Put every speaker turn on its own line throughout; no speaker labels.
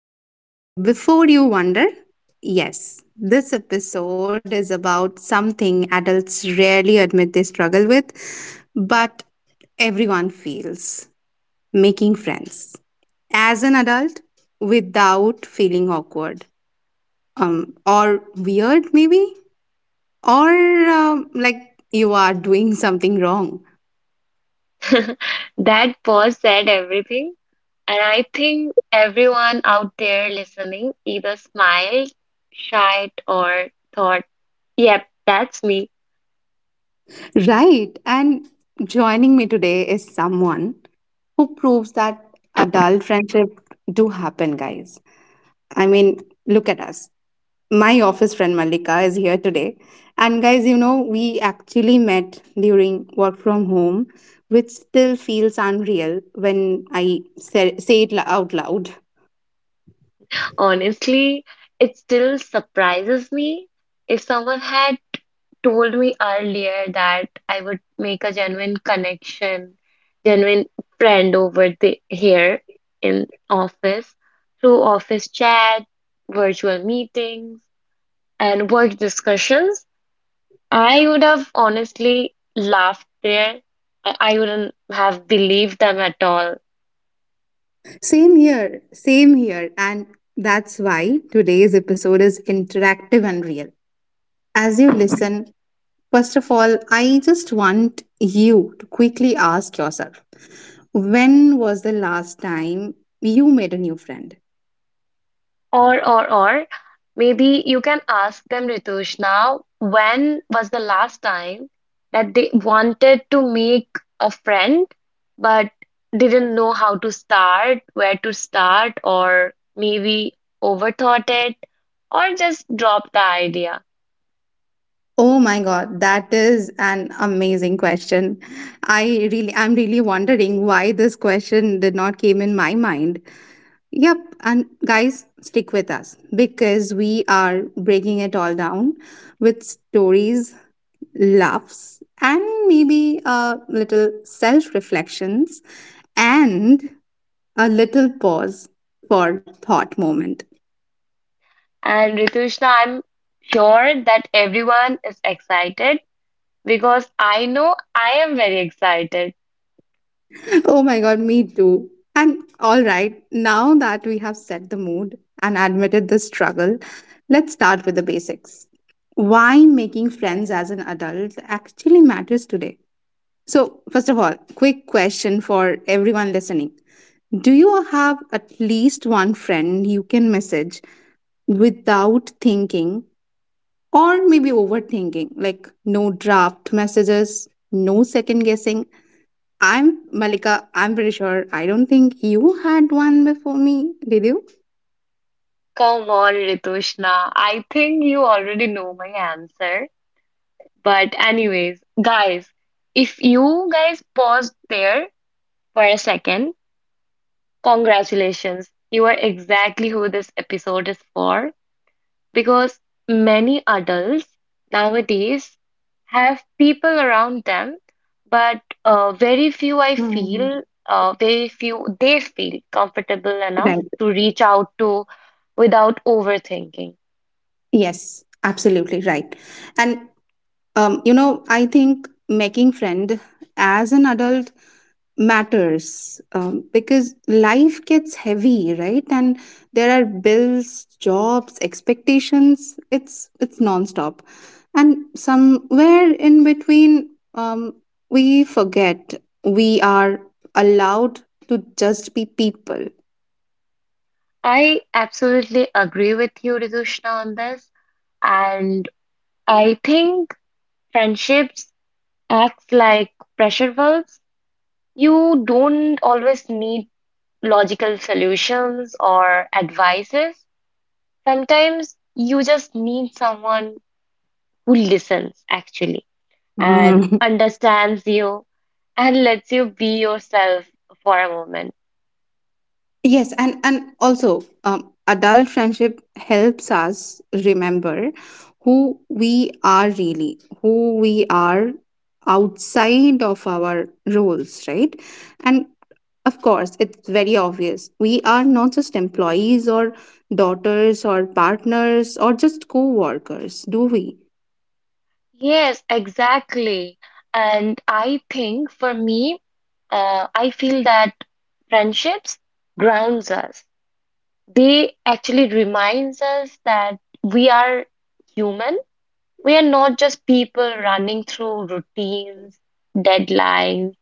And Before you wonder, yes, this episode is about something adults rarely admit they struggle with, but everyone feels making friends as an adult without feeling awkward or weird, maybe, or like you are doing something wrong.
That pause said everything, and I think everyone out there listening either smiled, shied, or thought, yep, that's me.
Right. And joining me today is someone who proves that adult friendship do happen, guys. I mean, look at us. My office friend Malika is here today. And guys, you know, we actually met during work from home, which still feels unreal when I say out loud.
Honestly, it still surprises me. If someone had told me earlier that I would make a genuine connection, genuine friend over the here in office through office chat, virtual meetings, and work discussions, I would have honestly laughed there. I wouldn't have believed them at all.
Same here, same here. And that's why today's episode is interactive and real. As you listen, first of all, I just want you to quickly ask yourself, when was the last time you made a new friend?
Or, maybe you can ask them, Ritush, now, when was the last time that they wanted to make a friend but didn't know how to start, where to start, or maybe overthought it, or just dropped the idea?
Oh my god, that is an amazing question. I'm really wondering why this question did not came in my mind. Yep, and guys, stick with us because we are breaking it all down with stories, laughs, and maybe a little self reflections and a little pause for thought moment.
And Ritushna, I'm sure that everyone is excited because I know I am very excited.
Oh my god, me too. And all right, now that we have set the mood and admitted the struggle, let's start with the basics. Why making friends as an adult actually matters today. So, first of all, quick question for everyone listening. Do you have at least one friend you can message without thinking or maybe overthinking? Like, no draft messages, no second guessing. I'm Malika. I'm pretty sure I don't think you had one before me. Did you?
Come on, Ritushna. I think you already know my answer. But, anyways, guys, if you guys paused there for a second, congratulations. You are exactly who this episode is for. Because many adults nowadays have people around them, but very few I
Hmm.
feel, very few they feel comfortable enough
Right.
to reach out to without overthinking.
Yes, absolutely right. And you know, I think making friend as an adult matters because life gets heavy, right? And there are bills, jobs, expectations, it's nonstop. And somewhere in between, we forget we are allowed to just be people.
I absolutely agree with you, Ritushna, on this. And I think friendships act like pressure valves. You don't always need logical solutions or advices. Sometimes you just need someone who listens actually and
Hmm.
understands you and lets you be yourself for a moment.
Yes, and also adult friendship helps us remember who we are really, who we are outside of our roles, right? And of course, it's very obvious. We are not just employees or daughters or partners or just co-workers, do we?
Yes, exactly. And I think for me, I feel that friendships grounds us. They actually reminds us that we are human. We are not just people running through routines, deadlines,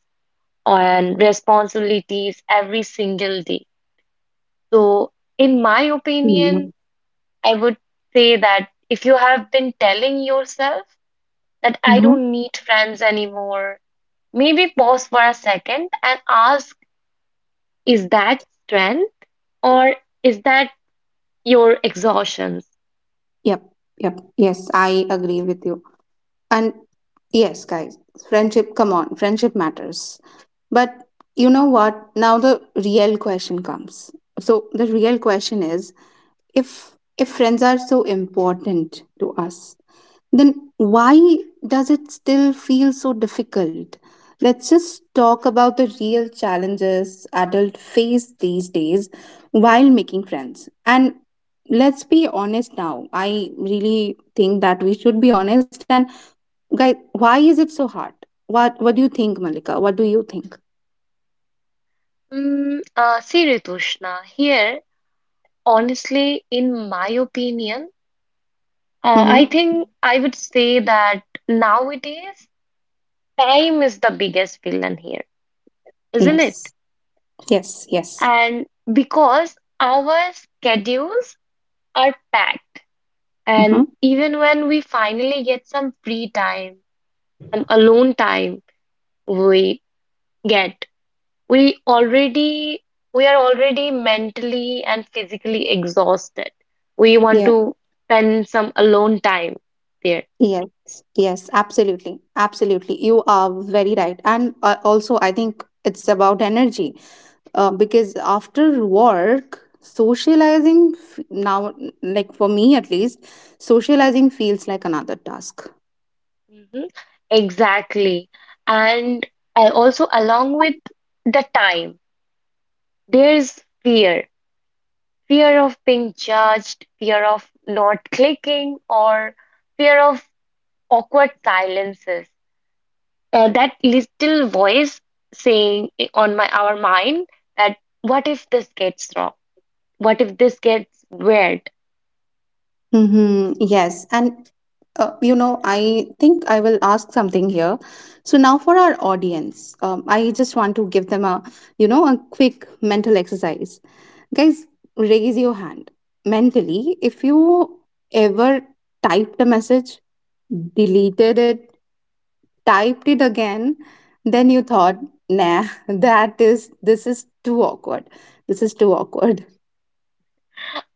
and responsibilities every single day. So, in my
Mm-hmm.
opinion, I would say that if you have been telling yourself that I don't need friends anymore, maybe pause for a second and ask is that strength or is that your exhaustion?
Yep. Yep. Yes, I agree with you. And yes, guys, friendship, come on, friendship matters. But you know what? Now the real question comes. So the real question is, if if friends are so important to us, then why does it still feel so difficult? Let's just talk about the real challenges adults face these days while making friends. And let's be honest now. I really think that we should be honest and, guys, why is it so hard? What do you think, Malika? What do you think?
See, Ritushna, here, honestly, in my opinion, I
Mm-hmm.
think I would say that nowadays time is the biggest villain here, isn't it?
Yes. Yes. Yes.
And because our schedules are packed,
Mm-hmm.
and even when we finally get some free time, some alone time we get, we already we are already mentally and physically exhausted. We want
Yeah.
to spend some alone time there.
Yes. Yes. Absolutely. Absolutely. You are very right. And also, I think it's about energy because after work, now, like for me at least, socializing feels like another task.
Mhm. Exactly. And also along with the time. There's fear, fear of being judged, fear of not clicking, or fear of awkward silences. That little voice saying on my our mind that what if this gets wrong? What if this gets weird?
Mm-hmm. Yes. And, you know, I think I will ask something here. So, now for our audience, I just want to give them a, you know, a quick mental exercise. Guys, raise your hand mentally if you ever typed a message, deleted it, typed it again, then you thought, nah, this is too awkward. This is too awkward.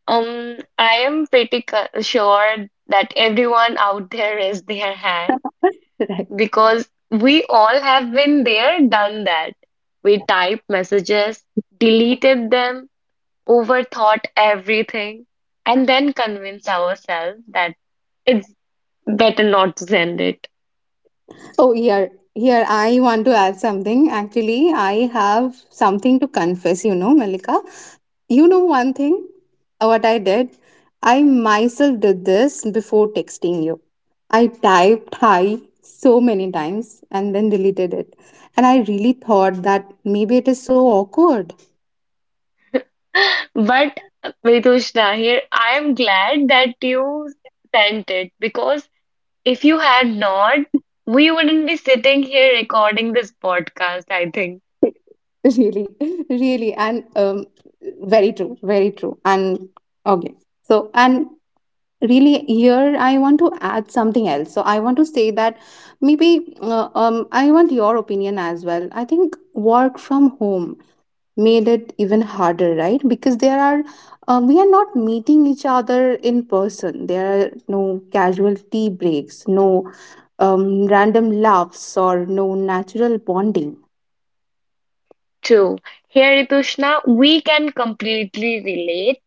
I am pretty sure that everyone out there raised their hand
Right.
because we all have been there, done that. We typed messages, deleted them overthought everything, and then convince ourselves that it's better not to send it.
Oh, here, here, I want to add something. Actually, I have something to confess, you know, Malika. You know,
Mhm.
one thing, what I did, I myself did this before texting you. I typed hi so many times and then deleted it. And I really thought that maybe it is so awkward.
But Vedushna here, I am glad that you sent it because if you had not, we wouldn't be sitting here recording this podcast, I think.
Really, really. And Very true, very true. And okay. So, and really, here I want to add something else, so I want to say that maybe, I want your opinion as well. I think work from home made it even harder, right? Because there are, we are not meeting each other in person, there are no casual tea breaks, no random laughs or no natural bonding.
True. Here, Ritushna, we can completely relate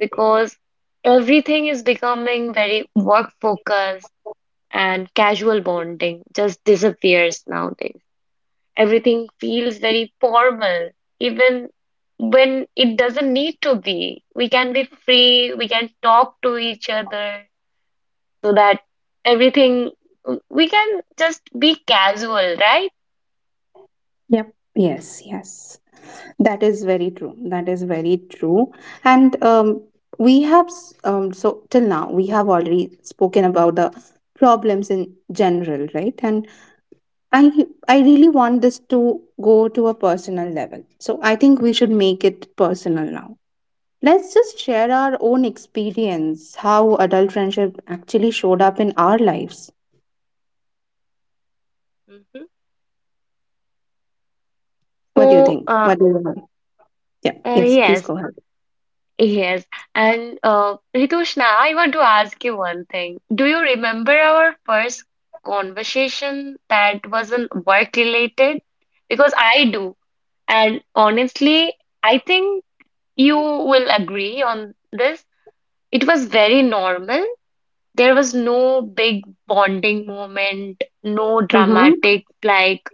because everything is becoming very work focused and casual bonding just disappears nowadays. Everything feels very formal, even when it doesn't need to be. We can be free, we can talk to each other so that everything, we can just be casual, right?
Yep. Yes. Yes. That is very true. That is very true. And We have, so till now, we have already spoken about the problems in general, right? And I really want this to go to a personal level. So I think we should make it personal now. Let's just share our own experience, how adult friendship actually showed up in our lives.
Hmm.
What do you
So,
think?
uh,
What do you want? Yeah.
uh,
Yes, please
yes,
go ahead.
Yes, and Ritushna, I want to ask you one thing. Do you remember our first conversation that wasn't work related? Because I do, and honestly, I think you will agree on this. It was very normal. There was no big bonding moment, no
Mm-hmm.
dramatic like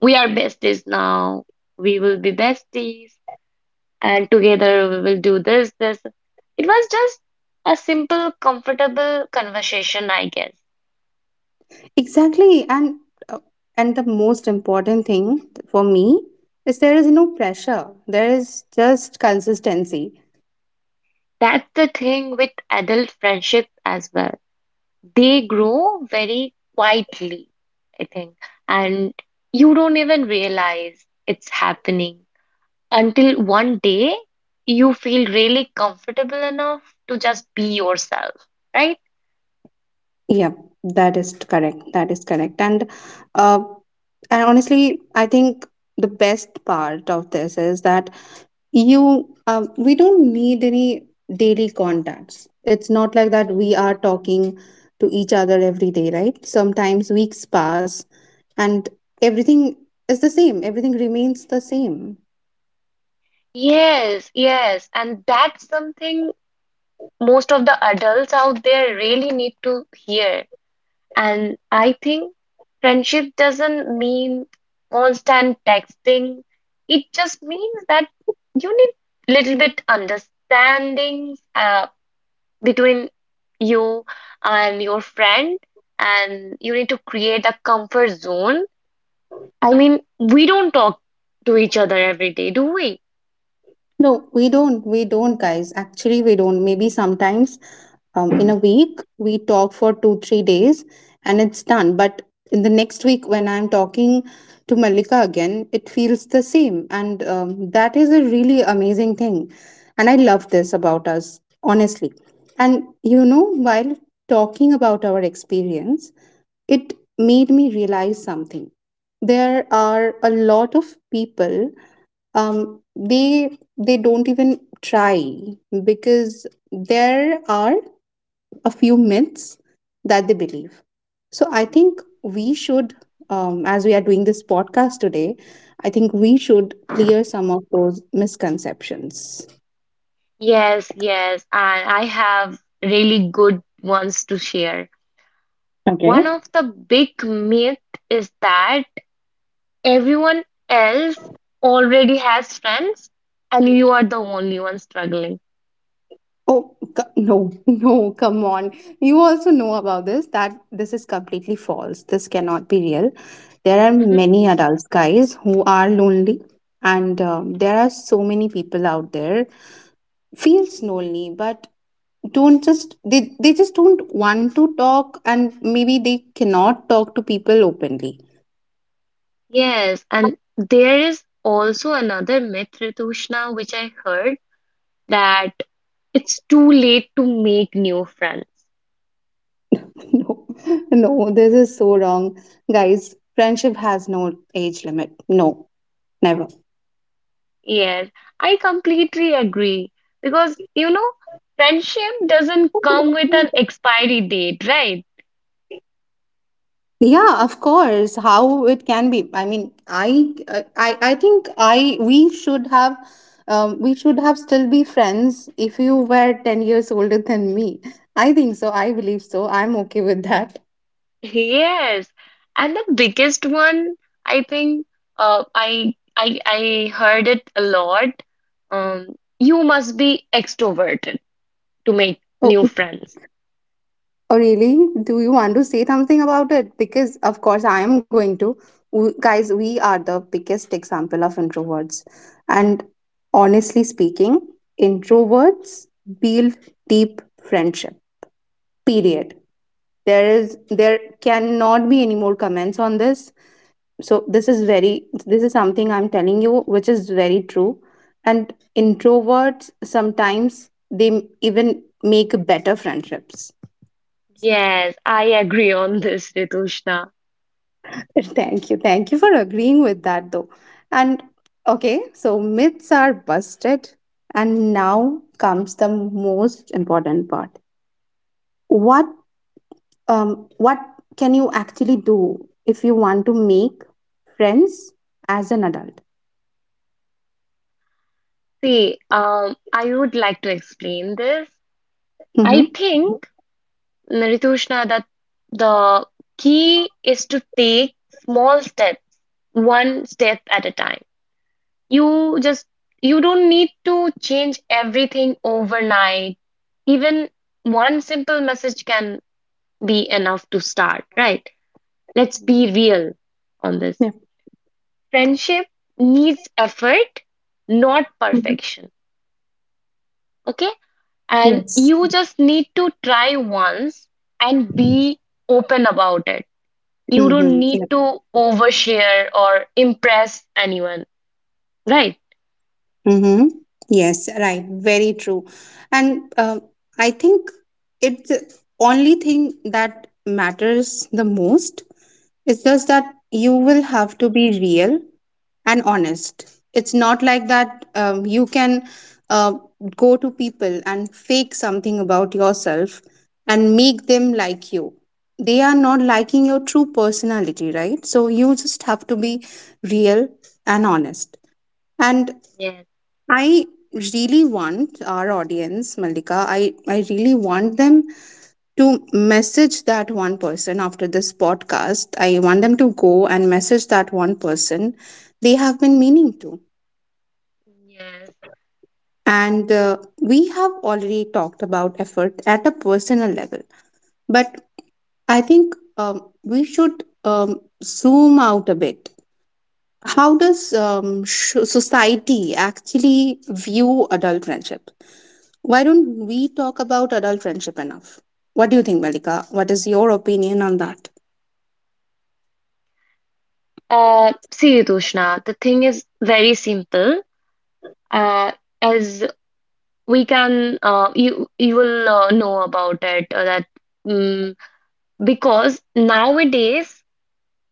we are besties now, we will be besties and together we will do this, this. It was just a simple, comfortable conversation, I guess.
Exactly, uh, and the most important thing for me is there is no pressure. There is just consistency.
That's the thing with adult friendship as well. They grow very quietly, I think, and you don't even realize it's happening until one day you feel really comfortable enough to just be yourself, right?
Yeah, that is correct. That is correct. Uh, and honestly, I think the best part of this is that you we don't need any daily contacts. It's not like that
Mhm.
we are talking to each other every day, right? Sometimes weeks pass and everything is the same. Everything remains the same.
Yes, yes, and that's something most of the adults out there really need to hear. And I think friendship doesn't mean constant texting. It just means that you need little bit understanding between you and your friend, and you need to create a comfort zone. I mean, we don't talk to each other every day, do we?
No, we don't. We don't, guys. Actually, we don't. Maybe sometimes, in a week, we talk for two, 3 days and it's done. But in the next week, when I'm talking to Malika again, it feels the same. And That is a really amazing thing. And I love this about us, honestly. And you know, while talking about our experience, it made me realize something. There are a lot of people, they don't even try because there are a few myths that they believe. So I think we should, as we are doing this podcast today, I think we should clear some of those misconceptions.
Yes, yes, and I have really good ones to share.
Okay.
One of the big myth is that everyone else already has friends and you are the only one struggling.
Oh, no, no, come on. You also know about this, that this is completely false. This cannot be real. There are
Mhm.
many adults, guys, who are lonely, and there are so many people out there feels lonely, but don't just they just don't want to talk and maybe they cannot talk to people openly.
Yes, and there is also another myth, Ritushna, which I heard that it's too late to make new friends.
No, no, this is so wrong, guys. Friendship has no age limit, no, never.
Yes, I completely agree because you know, friendship doesn't come with an expiry date, right?
Yeah, of course. How it can be. I mean, I think I we should have still be friends if you were 10 years older than me. I think so. I believe so. I'm okay with that.
Yes, and the biggest one, I think, I heard it a lot. You must be extroverted to make new
Oh,
friends.
oh, really? Do you want to say something about it? Because of course I am going to. Guys, we are the biggest example of introverts, and honestly speaking, introverts build deep friendship. Period. There is, there cannot be any more comments on this. So this is very, this is something I'm telling you which is very true. And introverts sometimes, even make better friendships.
Yes, I agree on this, Ritushna.
Thank you, thank you for agreeing with that though. And okay, so myths are busted, and now comes the most important part. What um what can you actually do if you want to make friends as an adult?
See, I would like to explain this. I
Mm-hmm.
think, Ritushna, that the key is to take small steps, one step at a time. You just you don't need to change everything overnight. Even one simple message can be enough to start, right? Let's be real on this.
Yeah.
Friendship needs effort, not
Mhm.
perfection. Okay? And
Yes.
you just need to try once and be open about it. You don't
Mm-hmm.
need
Yep.
to overshare or impress anyone, right?
Mm-hmm. Yes, right. Very true. And I think it's the only thing that matters the most. It's just that you will
Mm,
have to be real and honest. It's not like that, you can, uh, go to people and fake something about yourself and make them like you. They are not liking your true personality, right? So you just have to be real and honest. And
Yes,
I really want our audience, Malika, I really want them to message that one person after this podcast. I want them to go and message that one person they have been meaning to.
yes.
And We have already talked about effort at a personal level, but I think we should, zoom out a bit. How does, society actually view adult friendship? Why don't we talk about adult friendship enough? What do you think, Malika? What is your opinion on that?
See, Ritushna, the thing is very simple. Uh, as we can, you you will know about it that mm because nowadays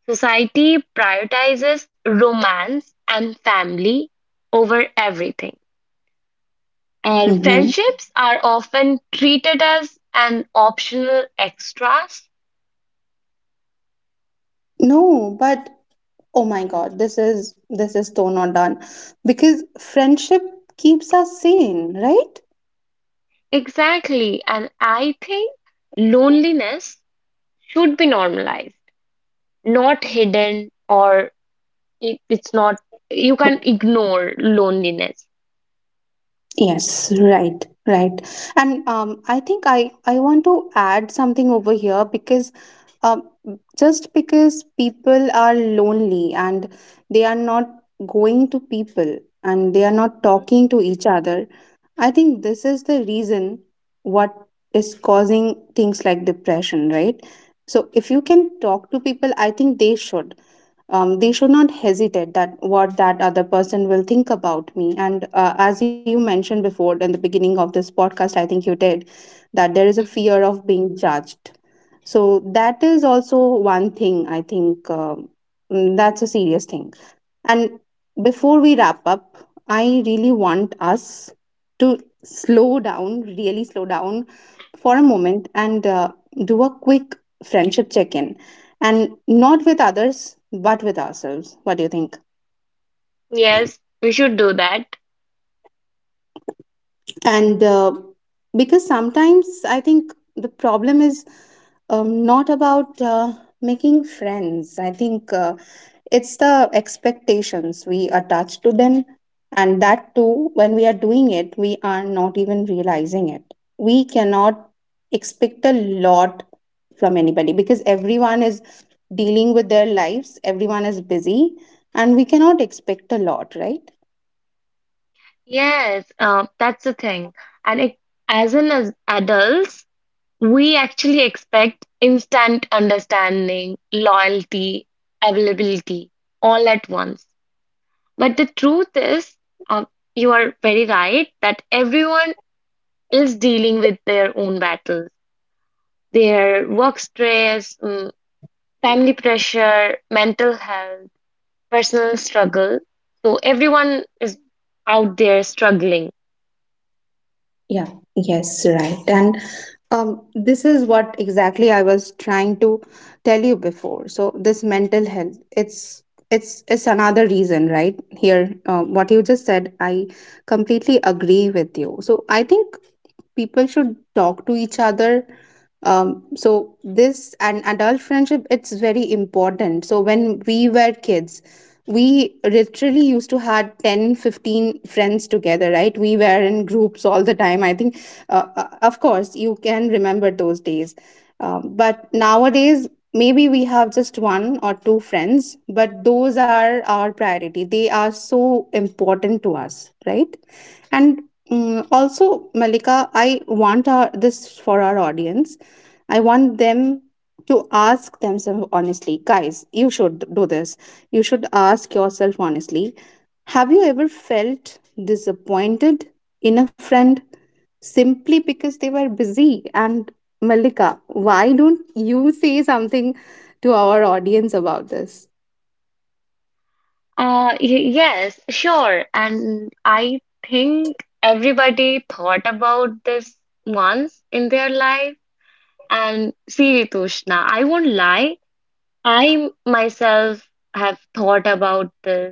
society prioritizes romance and family over everything, and
Mm-hmm.
friendships are often treated as an optional extras.
No, but oh my God, this is, this is so not done, because friendship keeps us sane, right?
Exactly, and I think loneliness should be normalized, not hidden or it's not you can ignore loneliness.
Yes, right, right. And I think I want to add something over here because, um, just because people are lonely and they are not going to people and they are not talking to each other, I think this is the reason what is causing things like depression, right? So if you can talk to people, I think they should, they should not hesitate that what that other person will think about me. And as you mentioned before in the beginning of this podcast, I think you did, that there is a
Mhm.
fear of being judged. So that is also one thing I think, that's a serious thing. And before we wrap up, I really want us to slow down, really slow down for a moment and, do a quick friendship check in. And not with others, but with ourselves. What do you think?
Yes, we should do that.
And because sometimes I think the problem is not about making friends. I think it's the expectations we attach to them, and that too, when we are doing it, we are not even realizing it. We cannot expect a lot from anybody because everyone is dealing with their lives, everyone is busy, and we cannot expect a lot, right?
Yes, that's the thing and as an as adults we actually expect instant understanding loyalty availability all at once but the truth is um, you are very right that everyone is dealing with their own battles their work stress, family pressure mental health personal struggle. So everyone is out there struggling.
Yeah, yes, right. And this is what exactly I was trying to tell you before. So this mental health, it's another reason, right? Here, what you just said, I completely agree with you. So I think people should talk to each other, so this and adult friendship, it's very important. So when we were kids, we literally used to had 10, 15 friends together, right? We were in groups all the time. I think, of course you can remember those days. But nowadays, maybe we have just one or two friends, but those are our priority. They are so important to us, right? And, also, Malika, I want our, this for our audience. I want them to ask themselves honestly. Guys, you should do this. You should ask yourself honestly. Have you ever felt disappointed in a friend simply because they were busy? And Malika, why don't you say something to our audience about this?
Yes, sure. And I think everybody thought about this once in their life. And see, Ritushna, I won't lie. I myself have thought about this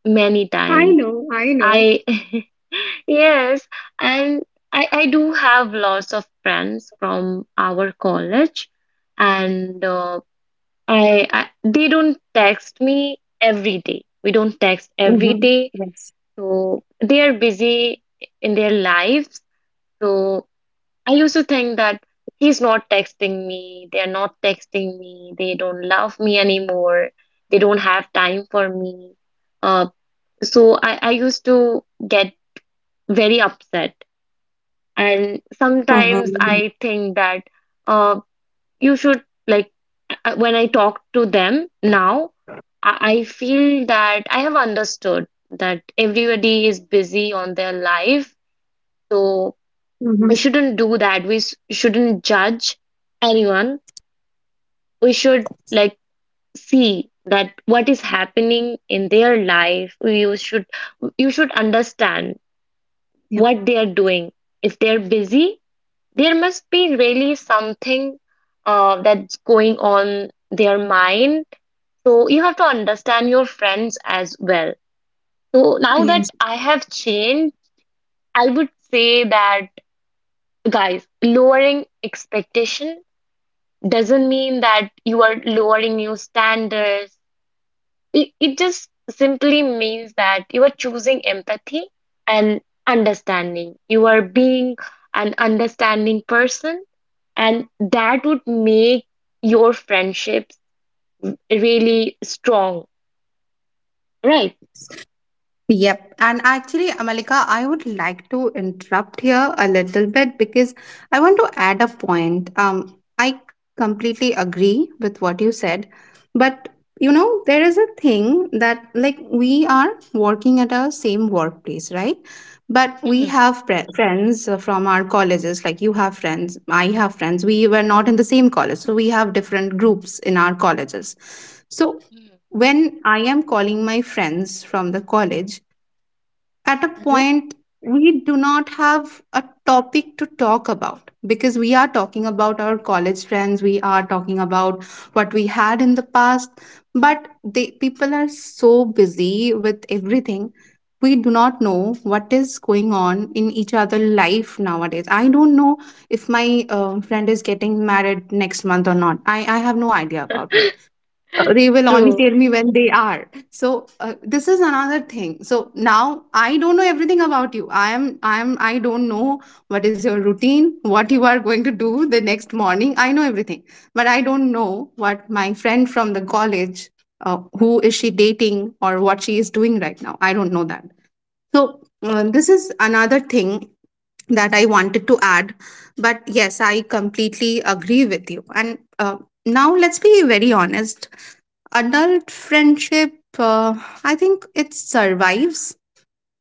many
I
times.
know, I know.
I, yes, and I do have lots of friends from our college, and I they don't text me every day. We don't text every
Mm-hmm.
day.
Yes.
So they are busy in their lives. So I used to think that he's not texting me. They are not texting me. They don't love me anymore. They don't have time for me. Uh, so I used to get very upset. And
Mhm.
sometimes I think that uh, you should like when I talk to them now, I feel that I have understood that everybody is busy on their life. So
Mm-hmm.
we shouldn't do that. We shouldn't judge anyone. We should like see that what is happening in their life. You should understand what they are doing. If they're busy, there must be really something that's going on their mind. So you have to understand your friends as well. So now
Yep.
that I have changed, I would say that guys, lowering expectation doesn't mean that you are lowering your standards. It just simply means that you are choosing empathy and understanding. You are being an understanding person, and that would make your friendships really strong, right?
Yep. And actually, Amalika, I would like to interrupt here a little bit because I want to add a point. I completely agree with what you said, but there is a thing that, like, we are working at our same workplace, right? But we
Mhm,
have friends from our colleges, like you have friends, I have friends. We were not in the same college, so we have different groups in our colleges. So
mhm,
when I am calling my friends from the college, at a
mhm.
point we do not have a topic to talk about because we are talking about our college friends, we are talking about what we had in the past, but they people are so busy with everything. We do not know what is going on in each other life nowadays. I don't know if my friend is getting married next month or not. I have no idea about it. They will only
True.
tell me when they are so this is another thing. So now I don't know everything about you. I don't know what is your routine, what you are going to do the next morning. I know everything, but I don't know what my friend from the college, who is she dating or what she is doing right now. I don't know that. So this is another thing that I wanted to add. But yes, I completely agree with you. And now let's be very honest. Adult friendship, I think it survives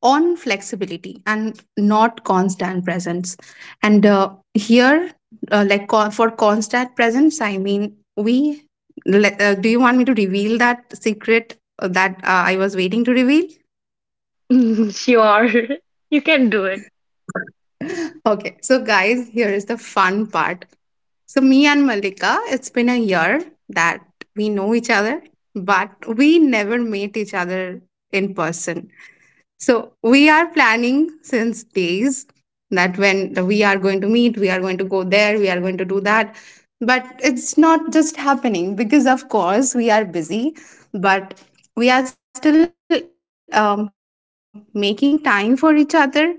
on flexibility and not constant presence. And here, like for constant presence, I mean we do you want me to reveal that secret, that I was waiting to reveal?
Sure. You can do it.
Okay, so guys, here is the fun part. So me and Malika, it's been a year that we know each other, but we never met each other in person. So we are planning since days that when we are going to meet, we are going to go there, we are going to do that. But it's not just happening because, of course, we are busy, but we are still making time for each other,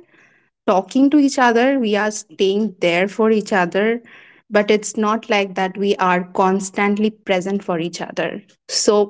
talking to each other, we are staying there for each other. But it's not like that we are constantly present for each other. So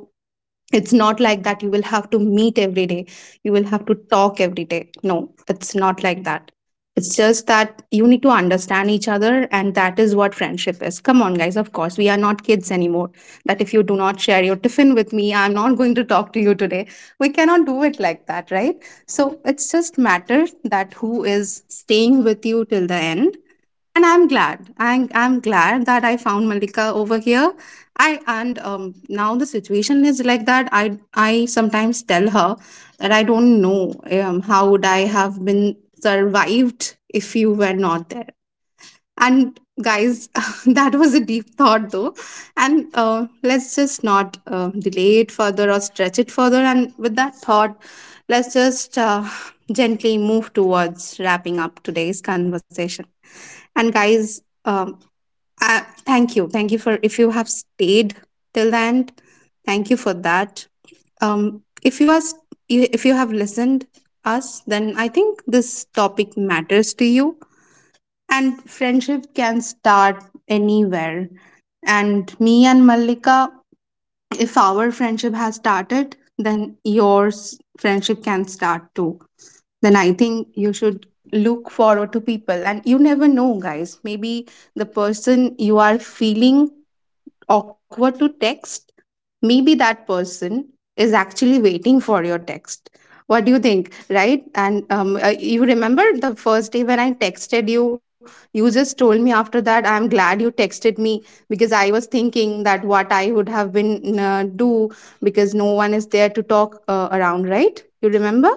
it's not like that you will have to meet every day, you will have to talk every day. No, it's not like that. It's just that you need to understand each other, and that is what friendship is. Come on, guys, of course, we are not kids anymore. That if you do not share your tiffin with me, I'm not going to talk to you today. We cannot do it like that, right? So it's just matter that who is staying with you till the end. And I'm glad. I'm glad that I found Malika over here. I and now the situation is like that. I sometimes tell her that I don't know how would I have been survived if you were not there. And guys, that was a deep thought though. And let's just not delay it further or stretch it further. And with that thought, let's just gently move towards wrapping up today's conversation. And guys, thank you. Thank you for if you have stayed till the end. Thank you for that. If if you have listened us, then I think this topic matters to you, and friendship can start anywhere. And me and Mallika, if our friendship has started, then yours friendship can start too. Then I think you should look forward to people. And you never know, guys. Maybe the person you are feeling awkward to text, maybe that person is actually waiting for your text. What do you think, right? And you remember the first day when I texted you, you just told me after that, I'm glad you texted me because I was thinking that what I would have been do because no one is there to talk around, right? You remember?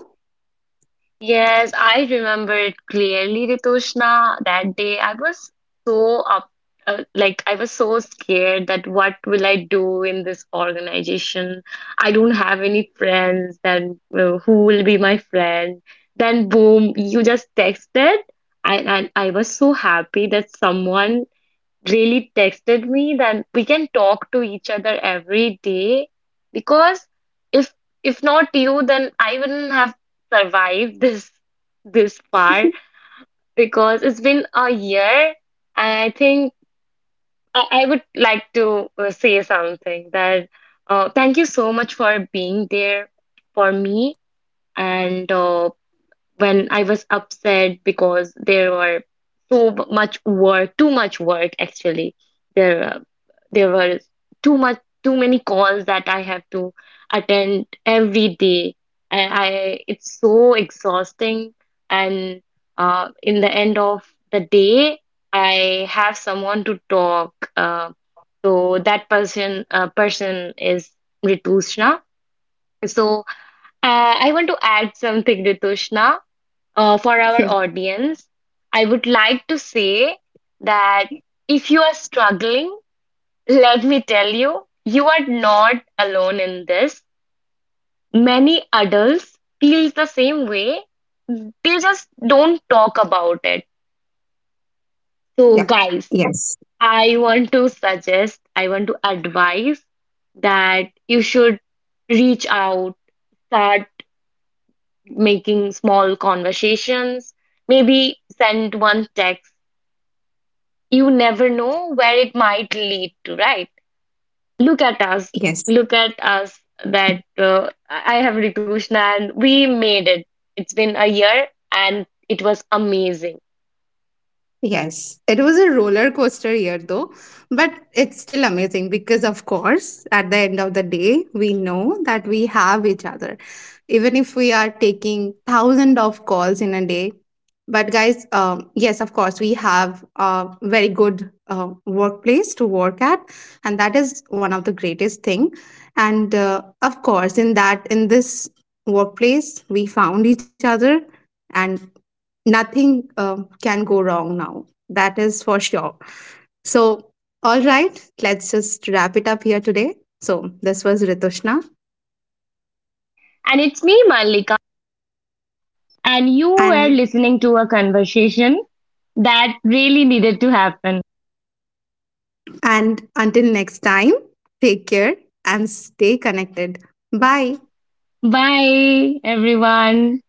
Yes, I remember it clearly, Ritushna. That day I was so up, like I was so scared that what will I do in this organization? I don't have any friends, then who will be my friend? Then boom, you just texted, and I was so happy that someone really texted me that we can talk to each other every day because if if not you then I wouldn't have survived this this far because it's been a year and I think I would like to say something that thank you so much for being there for me and when I was upset because there were so much work, too much work actually. There, uh, there were too much, too many calls that I have to attend every day, and I it's so exhausting. And in the end of the day, I have someone to talk. So that person is Ritushna. So I want to add something, Ritushna, for our
Yeah,
audience, I would like to say that if you are struggling, let me tell you, you are not alone in this. Many adults feel the same way. They just don't talk about it. So,
yeah,
guys,
yes,
I want to suggest, I want to advise that you should reach out, start making small conversations, maybe send one text you never know where it might lead to, right? Look at us.
yes.
Look at us that I have Ritushna and we made it. It's been a year and it was amazing.
Yes, it was a roller coaster year though, but it's still amazing because, of course, at the end of the day, we know that we have each other, even if we are taking thousands of calls in a day. But, guys, yes, of course, we have a very good workplace to work at, and that is one of the greatest thing. And of course, in this workplace, we found each other, and nothing can go wrong now. That is for sure. So, all right, let's just wrap it up here today. So, this was Ritushna,
And it's me, Malika. And you were
and
listening to a conversation that really needed to happen.
and until next time, take care and stay connected. Bye.
Bye, everyone.